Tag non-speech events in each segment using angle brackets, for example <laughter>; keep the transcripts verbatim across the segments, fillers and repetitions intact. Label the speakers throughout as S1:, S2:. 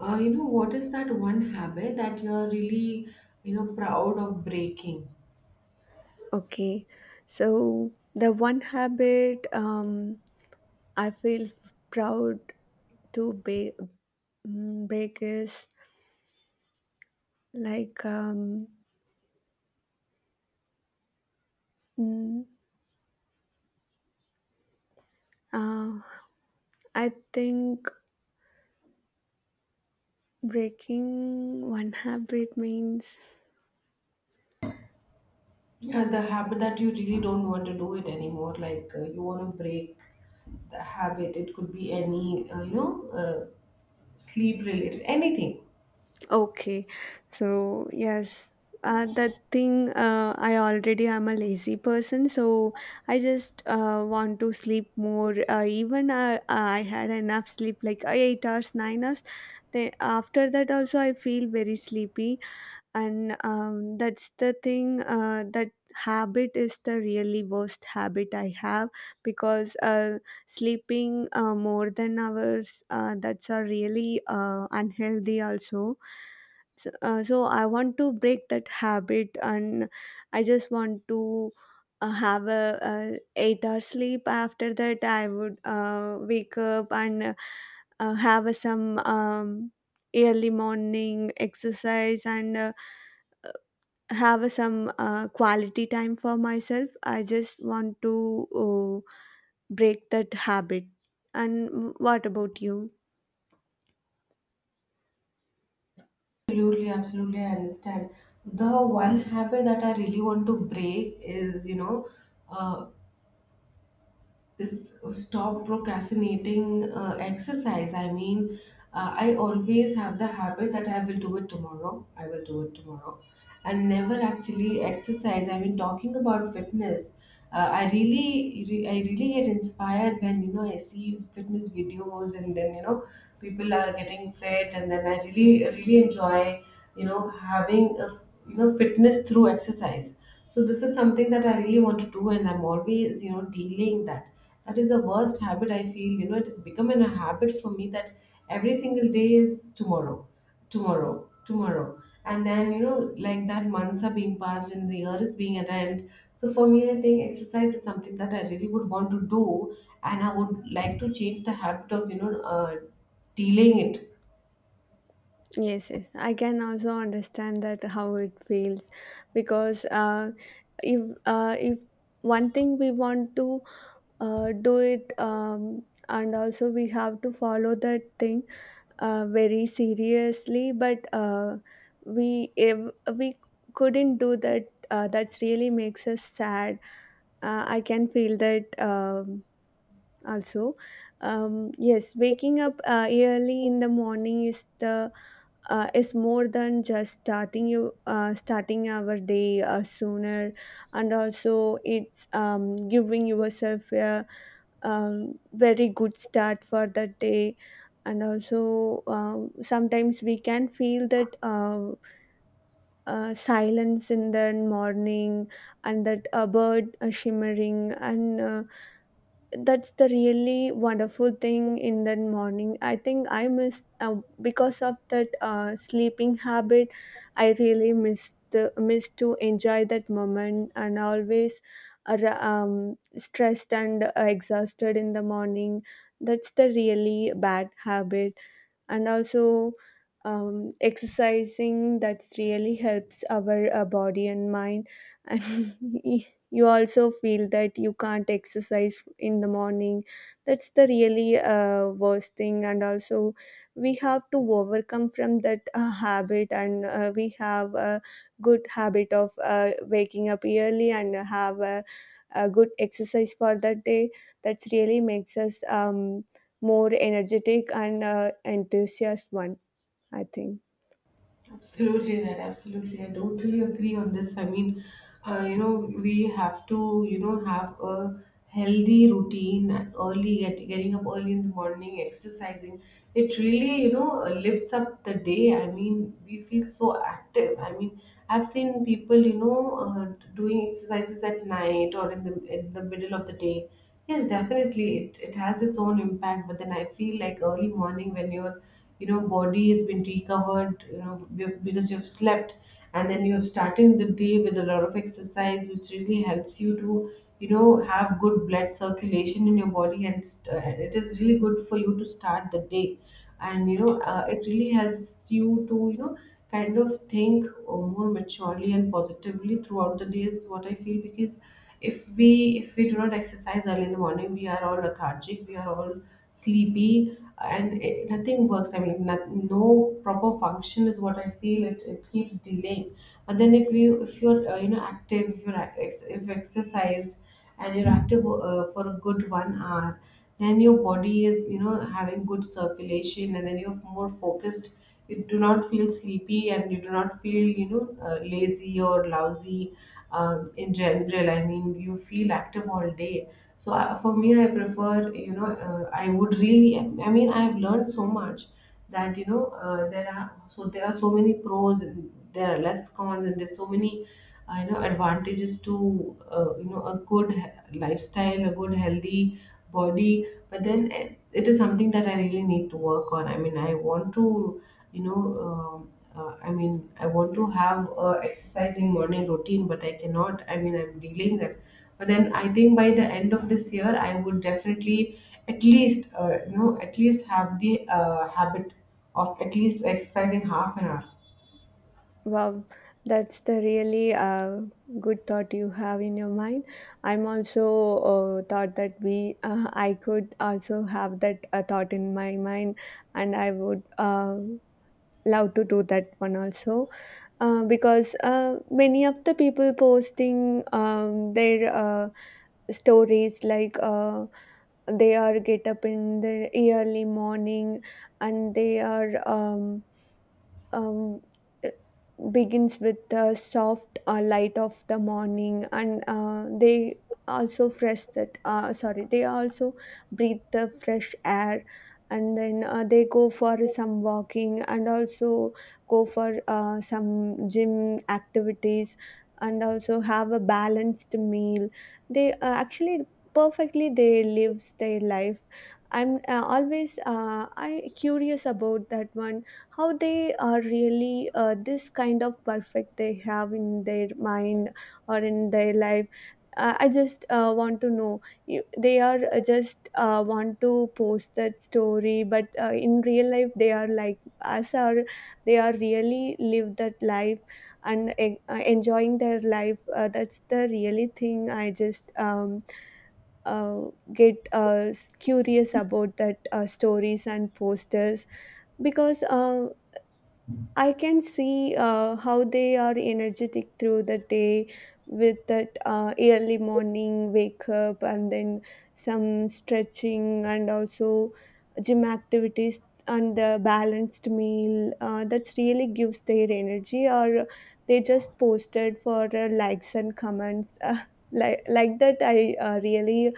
S1: Uh, you know, what is that one habit that you're really, you know, proud of breaking?
S2: Okay, so the one habit um, I feel proud to be, mm, break is like um, mm, uh, I think breaking one habit means.
S1: Yeah, the habit that you really don't want to do it anymore. Like uh, you want to break the habit. It could be any, uh, you know, uh, sleep related, anything.
S2: Okay, so yes, uh, that thing. Uh, I already am a lazy person, so I just uh, want to sleep more. Uh, even uh, I had enough sleep, like uh, eight hours, nine hours. Then after that, also I feel very sleepy, and um, that's the thing. Uh, that habit is the really worst habit I have, because uh, sleeping uh, more than hours, uh, that's a really uh, unhealthy also. So, uh, so I want to break that habit, and I just want to uh, have a, uh eight hour sleep. After that, I would uh, wake up and uh, have a, some um, early morning exercise, and uh, have some uh, quality time for myself. I just want to uh, break that habit. And w- what about you?
S1: Absolutely, absolutely, I understand. The one habit that I really want to break is, you know, uh, is stop procrastinating uh, exercise. I mean, uh, I always have the habit that I will do it tomorrow. I will do it tomorrow, and never actually exercise. I mean, talking about fitness, uh, I really, re- I really get inspired when you know I see fitness videos, and then you know people are getting fit, and then I really, really enjoy you know having a you know fitness through exercise. So this is something that I really want to do, and I'm always you know delaying that. That is the worst habit, I feel. You know it has become an- a habit for me that every single day is tomorrow, tomorrow, tomorrow, and then you know like that, months are being passed and the year is being at end. So for me, I think exercise is something that I really would want to do, and I would like to change the habit of you know uh, delaying it.
S2: Yes, yes. I can also understand that how it feels, because uh, if uh, if one thing we want to uh, do it um, and also we have to follow that thing uh, very seriously, but uh, we if we couldn't do that, uh, that's really makes us sad. Uh, I can feel that um, also. Um, yes, waking up uh, early in the morning is the uh, is more than just starting you uh, starting our day uh, sooner, and also it's um, giving yourself a um, very good start for the day. And also, um, sometimes we can feel that uh, uh, silence in the morning, and that a bird uh, shimmering, and uh, that's the really wonderful thing in the morning. I think I miss uh, because of that uh, sleeping habit. I really miss the miss to enjoy that moment, and always ar- um, stressed and exhausted in the morning. That's the really bad habit. And also, um, exercising that really helps our uh, body and mind <laughs> and you also feel that you can't exercise in the morning. That's the really uh, worst thing, and also we have to overcome from that uh, habit, and uh, we have a good habit of uh, waking up early and have a, a good exercise for that day. That's really makes us um, more energetic and uh, enthusiast one, I think.
S1: Absolutely right. Absolutely. I totally agree on this. I mean, uh, you know, we have to, you know, have a healthy routine early, get, getting up early in the morning, exercising. It really, you know, lifts up the day. I mean, we feel so active. I mean, I've seen people, you know, uh, doing exercises at night or in the in the middle of the day. Yes, definitely. It, it has its own impact, but then I feel like early morning when your, you know, body has been recovered, you know, be- because you've slept, and then you're starting the day with a lot of exercise, which really helps you to, you know, have good blood circulation in your body, and st- and it is really good for you to start the day, and you know, uh, it really helps you to, you know, kind of think uh, more maturely and positively throughout the day is what I feel. Because if we if we do not exercise early in the morning, we are all lethargic, we are all sleepy, and it, nothing works. I mean, not, no proper function is what I feel. It, it keeps delaying. But then if you if you're uh, you know active, if you're ac- ex- if you're exercised and you're active uh, for a good one hour, then your body is you know having good circulation, and then you're more focused. You do not feel sleepy, and you do not feel you know uh, lazy or lousy, um, in general. I mean, you feel active all day. So uh, for me, I prefer, you know uh, I would really, I mean, I've learned so much, that you know uh, there are so there are so many pros, and there are less cons, and there's so many uh, you know advantages to uh, you know a good he- lifestyle, a good healthy body. But then, eh, it is something that I really need to work on. I mean, I want to you know um uh, I mean, I want to have a exercising morning routine, but I cannot. I mean, I'm dealing that. But then I think by the end of this year I would definitely at least, uh, you know at least have the uh, habit of at least exercising half an hour.
S2: Wow, that's the really uh, good thought you have in your mind. I'm also uh, thought that we uh, I could also have that uh, thought in my mind, and I would uh, love to do that one also. Uh, because uh, many of the people posting um, their uh, stories, like uh, they are get up in the early morning, and they are um, um, begins with the soft uh, light of the morning, and uh, they also fresh that uh, sorry, they also breathe the fresh air. And then uh, they go for some walking, and also go for uh, some gym activities, and also have a balanced meal. They uh, actually perfectly they lives their life. I'm uh, always uh, I curious about that one, how they are really uh, this kind of perfect they have in their mind or in their life. uh, I just uh, want to know, you, they are uh, just uh, want to post that story, but uh, in real life they are like us, are they are really live that life and en- uh, enjoying their life. Uh, that's the really thing, I just um, uh, get uh, curious about that uh, stories and posters, because uh, I can see uh, how they are energetic through the day with that uh, early morning wake up, and then some stretching, and also gym activities, and the balanced meal. Uh, that's really gives their energy, or they just posted for uh, likes and comments. <laughs> Uh, like, like that, I uh, really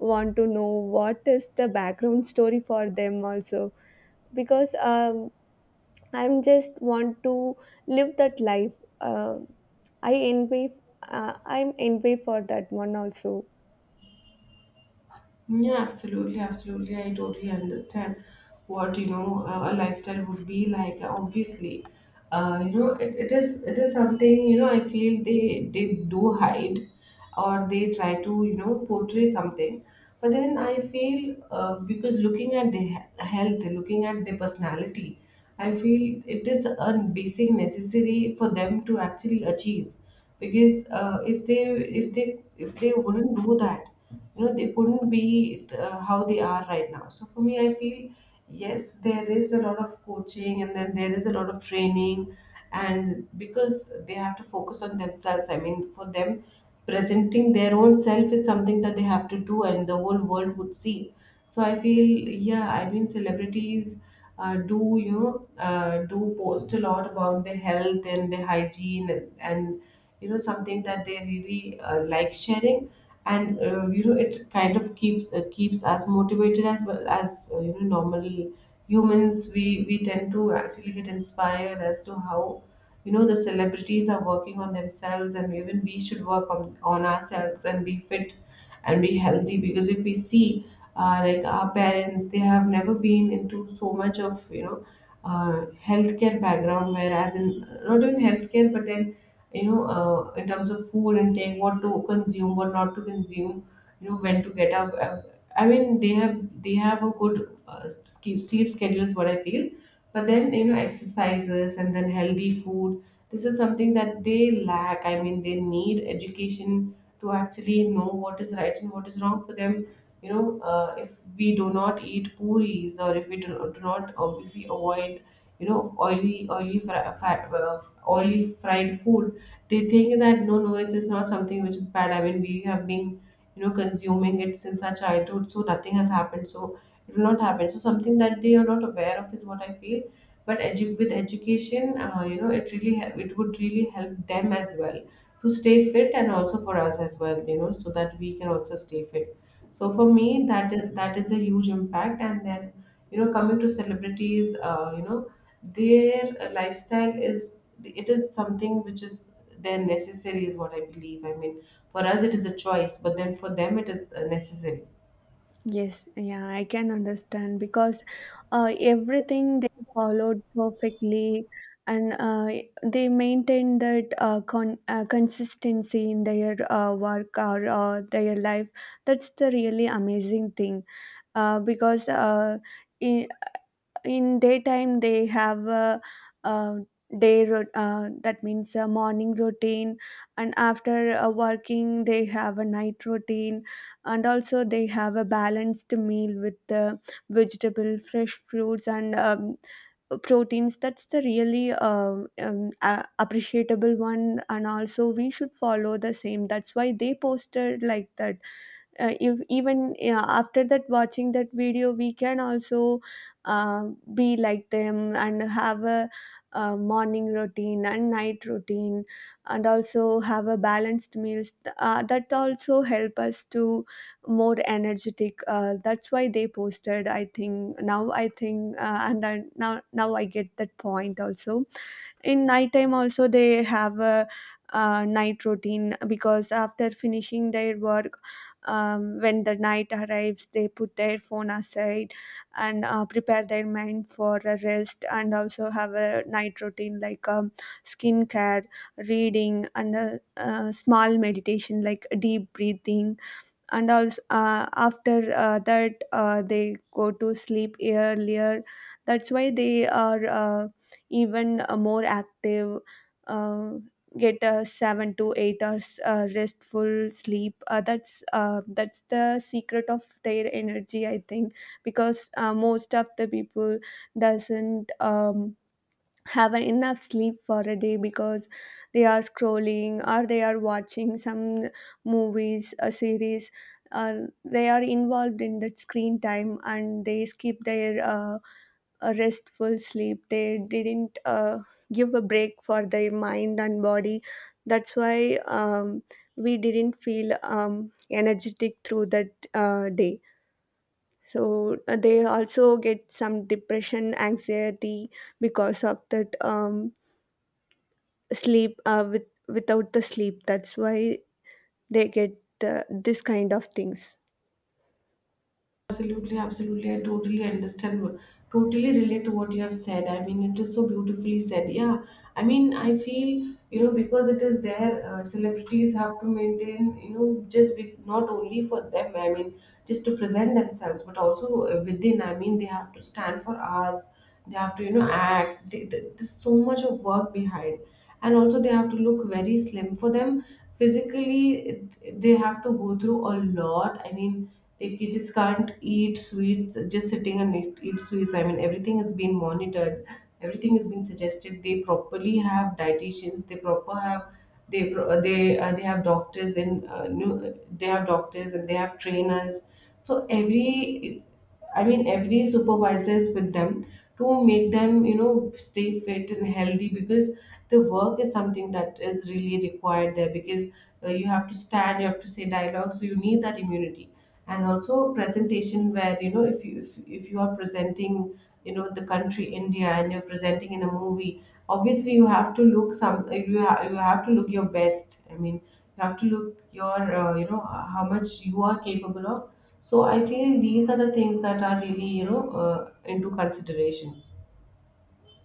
S2: want to know what is the background story for them also, because um, I'm just want to live that life. Uh, I envy. Uh, I'm envy for that one also.
S1: Yeah, absolutely, absolutely. I totally understand what you know uh, a lifestyle would be like. Obviously, uh, you know it, it is it is something. you know. I feel they they do hide, or they try to you know portray something. But then I feel uh, because looking at their he- health, looking at their personality, I feel it is a basic necessary for them to actually achieve, because uh, if they if they if they wouldn't do that, you know they couldn't be uh, how they are right now. So for me, I feel yes, there is a lot of coaching, and then there is a lot of training. And because they have to focus on themselves, I mean, for them, presenting their own self is something that they have to do, and the whole world would see. So I feel, yeah, I mean, celebrities uh, do you know uh, do post a lot about their health and their hygiene, and, and you know something that they really uh, like sharing, and uh, you know it kind of keeps uh, keeps us motivated, as well as uh, you know normal humans. We we tend to actually get inspired as to how you know the celebrities are working on themselves, and even we should work on, on ourselves, and be fit and be healthy. Because if we see, uh, like our parents, they have never been into so much of you know uh, healthcare background, whereas in not even healthcare, but then you know uh, in terms of food intake, what to consume, what not to consume, you know when to get up, uh, I mean, they have they have a good uh, ske- sleep schedule is what I feel. But then you know exercises and then healthy food, this is something that they lack. I mean, they need education to actually know what is right and what is wrong for them. You know uh, if we do not eat puris, or if we do, do not, or if we avoid you know oily, oily fri- fat, uh, oily fried food, they think that, no, no, it is not something which is bad. I mean, we have been you know consuming it since our childhood, so nothing has happened, so it will not happen. So something that they are not aware of is what I feel. But edu- with education, uh, you know it really hel- it would really help them as well, to stay fit and also for us as well, you know so that we can also stay fit. So for me, that is, that is a huge impact. And then you know coming to celebrities, uh, you know their uh, lifestyle is, it is something which is their necessary is what I believe. I mean, for us it is a choice, but then for them it is uh, necessary.
S2: Yes, yeah, I can understand, because uh, everything they followed perfectly, and uh, they maintained that uh, con uh, consistency in their uh, work or uh, their life. That's the really amazing thing. Uh, because uh, I in daytime they have a, uh day, rot- uh, that means a morning routine, and after uh, working they have a night routine. And also they have a balanced meal with the vegetable, fresh fruits, and um, proteins. That's the really uh, um, uh, appreciable one, and also we should follow the same. That's why they posted like that. Uh, if even yeah, after that watching that video we can also uh, be like them, and have a, uh morning routine and night routine, and also have a balanced meals. Th- uh, that also help us to more energetic. Uh, that's why they posted, I think. Now, I think uh, and I, now, now I get that point also. In nighttime also they have a uh, night routine, because after finishing their work, um, when the night arrives they put their phone aside, and uh, prepare their mind for a rest, and also have a night routine like um, skincare, reading, and a, uh small meditation like deep breathing. And also uh, after uh, that uh, they go to sleep earlier. That's why they are uh, even uh, more active. uh, get a seven to eight hours uh, restful sleep. Uh, that's uh, that's the secret of their energy, I think. Because uh, most of the people doesn't um, have enough sleep for a day, because they are scrolling, or they are watching some movies, a series. uh, they are involved in that screen time, and they skip their uh, a restful sleep. They didn't uh, give a break for their mind and body. That's why um, we didn't feel um, energetic through that uh, day. So uh, they also get some depression, anxiety, because of that um, sleep, uh, with without the sleep. That's why they get the, this kind of things.
S1: Absolutely, absolutely. I totally understand, wh- totally relate to what you have said. I mean, it is so beautifully said. Yeah, I mean, I feel you know because it is there, uh, celebrities have to maintain, you know just be, not only for them. I mean, just to present themselves, but also uh, within. I mean, they have to stand for us. They have to you know act. They, th there's so much of work behind, and also they have to look very slim for them physically. They have to go through a lot. I mean, they just can't eat sweets, just sitting and eat, eat sweets. I mean, everything has been monitored, everything has been suggested. They properly have dietitians, they proper have they pro- they uh, they have doctors, and uh, new, they have doctors and they have trainers. So every, I mean, every supervisor is with them to make them, you know, stay fit and healthy, because the work is something that is really required there, because uh, you have to stand, you have to say dialogue, so you need that immunity. And also presentation, where, you know, if you if, if you are presenting, you know, the country India, and you're presenting in a movie, obviously you have to look some you, ha- you have to look your best. I mean, you have to look your, uh, you know, how much you are capable of. So I feel these are the things that are really, you know, uh, into consideration.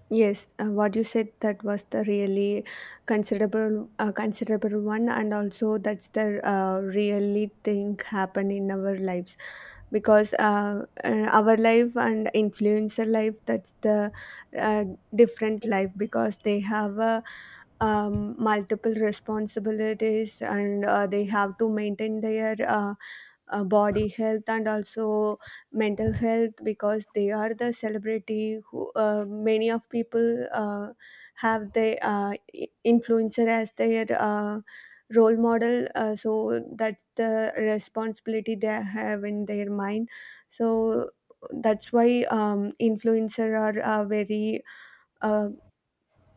S2: Yes, uh, what you said that was the really considerable uh, considerable one, and also that's the uh, really thing happen in our lives, because uh, uh, our life and influencer life, that's the uh, different life, because they have a um, multiple responsibilities, and uh, they have to maintain their uh, uh, body health, and also mental health, because they are the celebrity who uh, many of people uh, have the uh, i- influencer as their uh, role model, uh, so that's the responsibility they have in their mind. So that's why um, influencer are uh, very uh,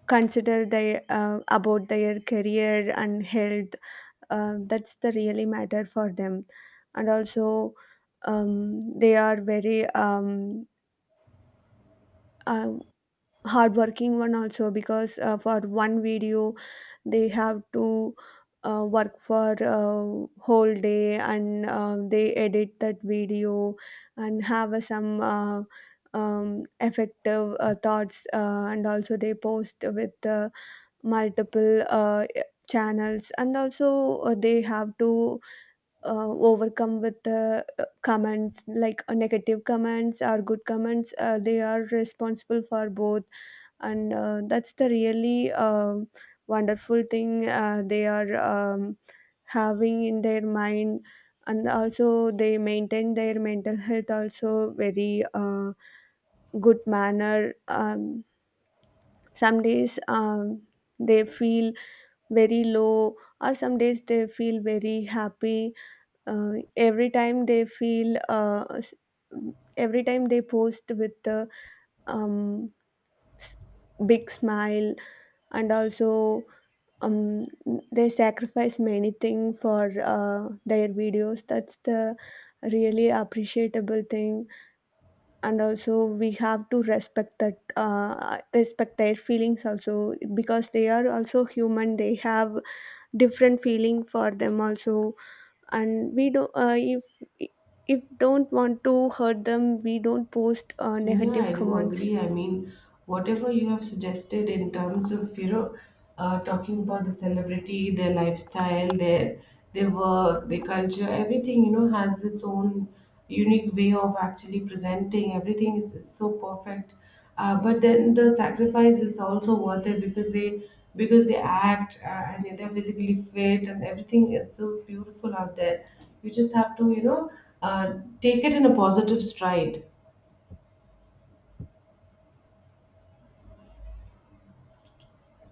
S2: consider their uh, about their career and health. Uh, that's the really matter for them. And also um, they are very um, uh, hardworking one also, because uh, for one video they have to uh, work for uh, whole day, and uh, they edit that video, and have uh, some uh, um, effective uh, thoughts, uh, and also they post with uh, multiple uh, channels, and also uh, they have to uh, overcome with uh, uh, comments, like uh, negative comments or good comments. Uh, they are responsible for both, and uh, that's the really um wonderful thing uh, they are um, having in their mind. And also they maintain their mental health also very uh, good manner. Um, some days um, they feel very low, or some days they feel very happy. uh, every time they feel uh, s- every time they post with the um, s- big smile, and also um, they sacrifice many things for uh, their videos. That's the really appreciable thing, and also we have to respect that uh, respect their feelings also, because they are also human, they have different feeling for them also. And we don't uh, if if don't want to hurt them, we don't post uh,
S1: Yeah,
S2: negative
S1: I do
S2: comments.
S1: agree. I mean, whatever you have suggested in terms of, you know, uh, talking about the celebrity, their lifestyle, their their work, their culture, everything, you know, has its own unique way of actually presenting. Everything is, is so perfect. Uh, but then the sacrifice is also worth it, because they because they act, uh, and they're physically fit, and everything is so beautiful out there. You just have to, you know, uh, take it in a positive stride.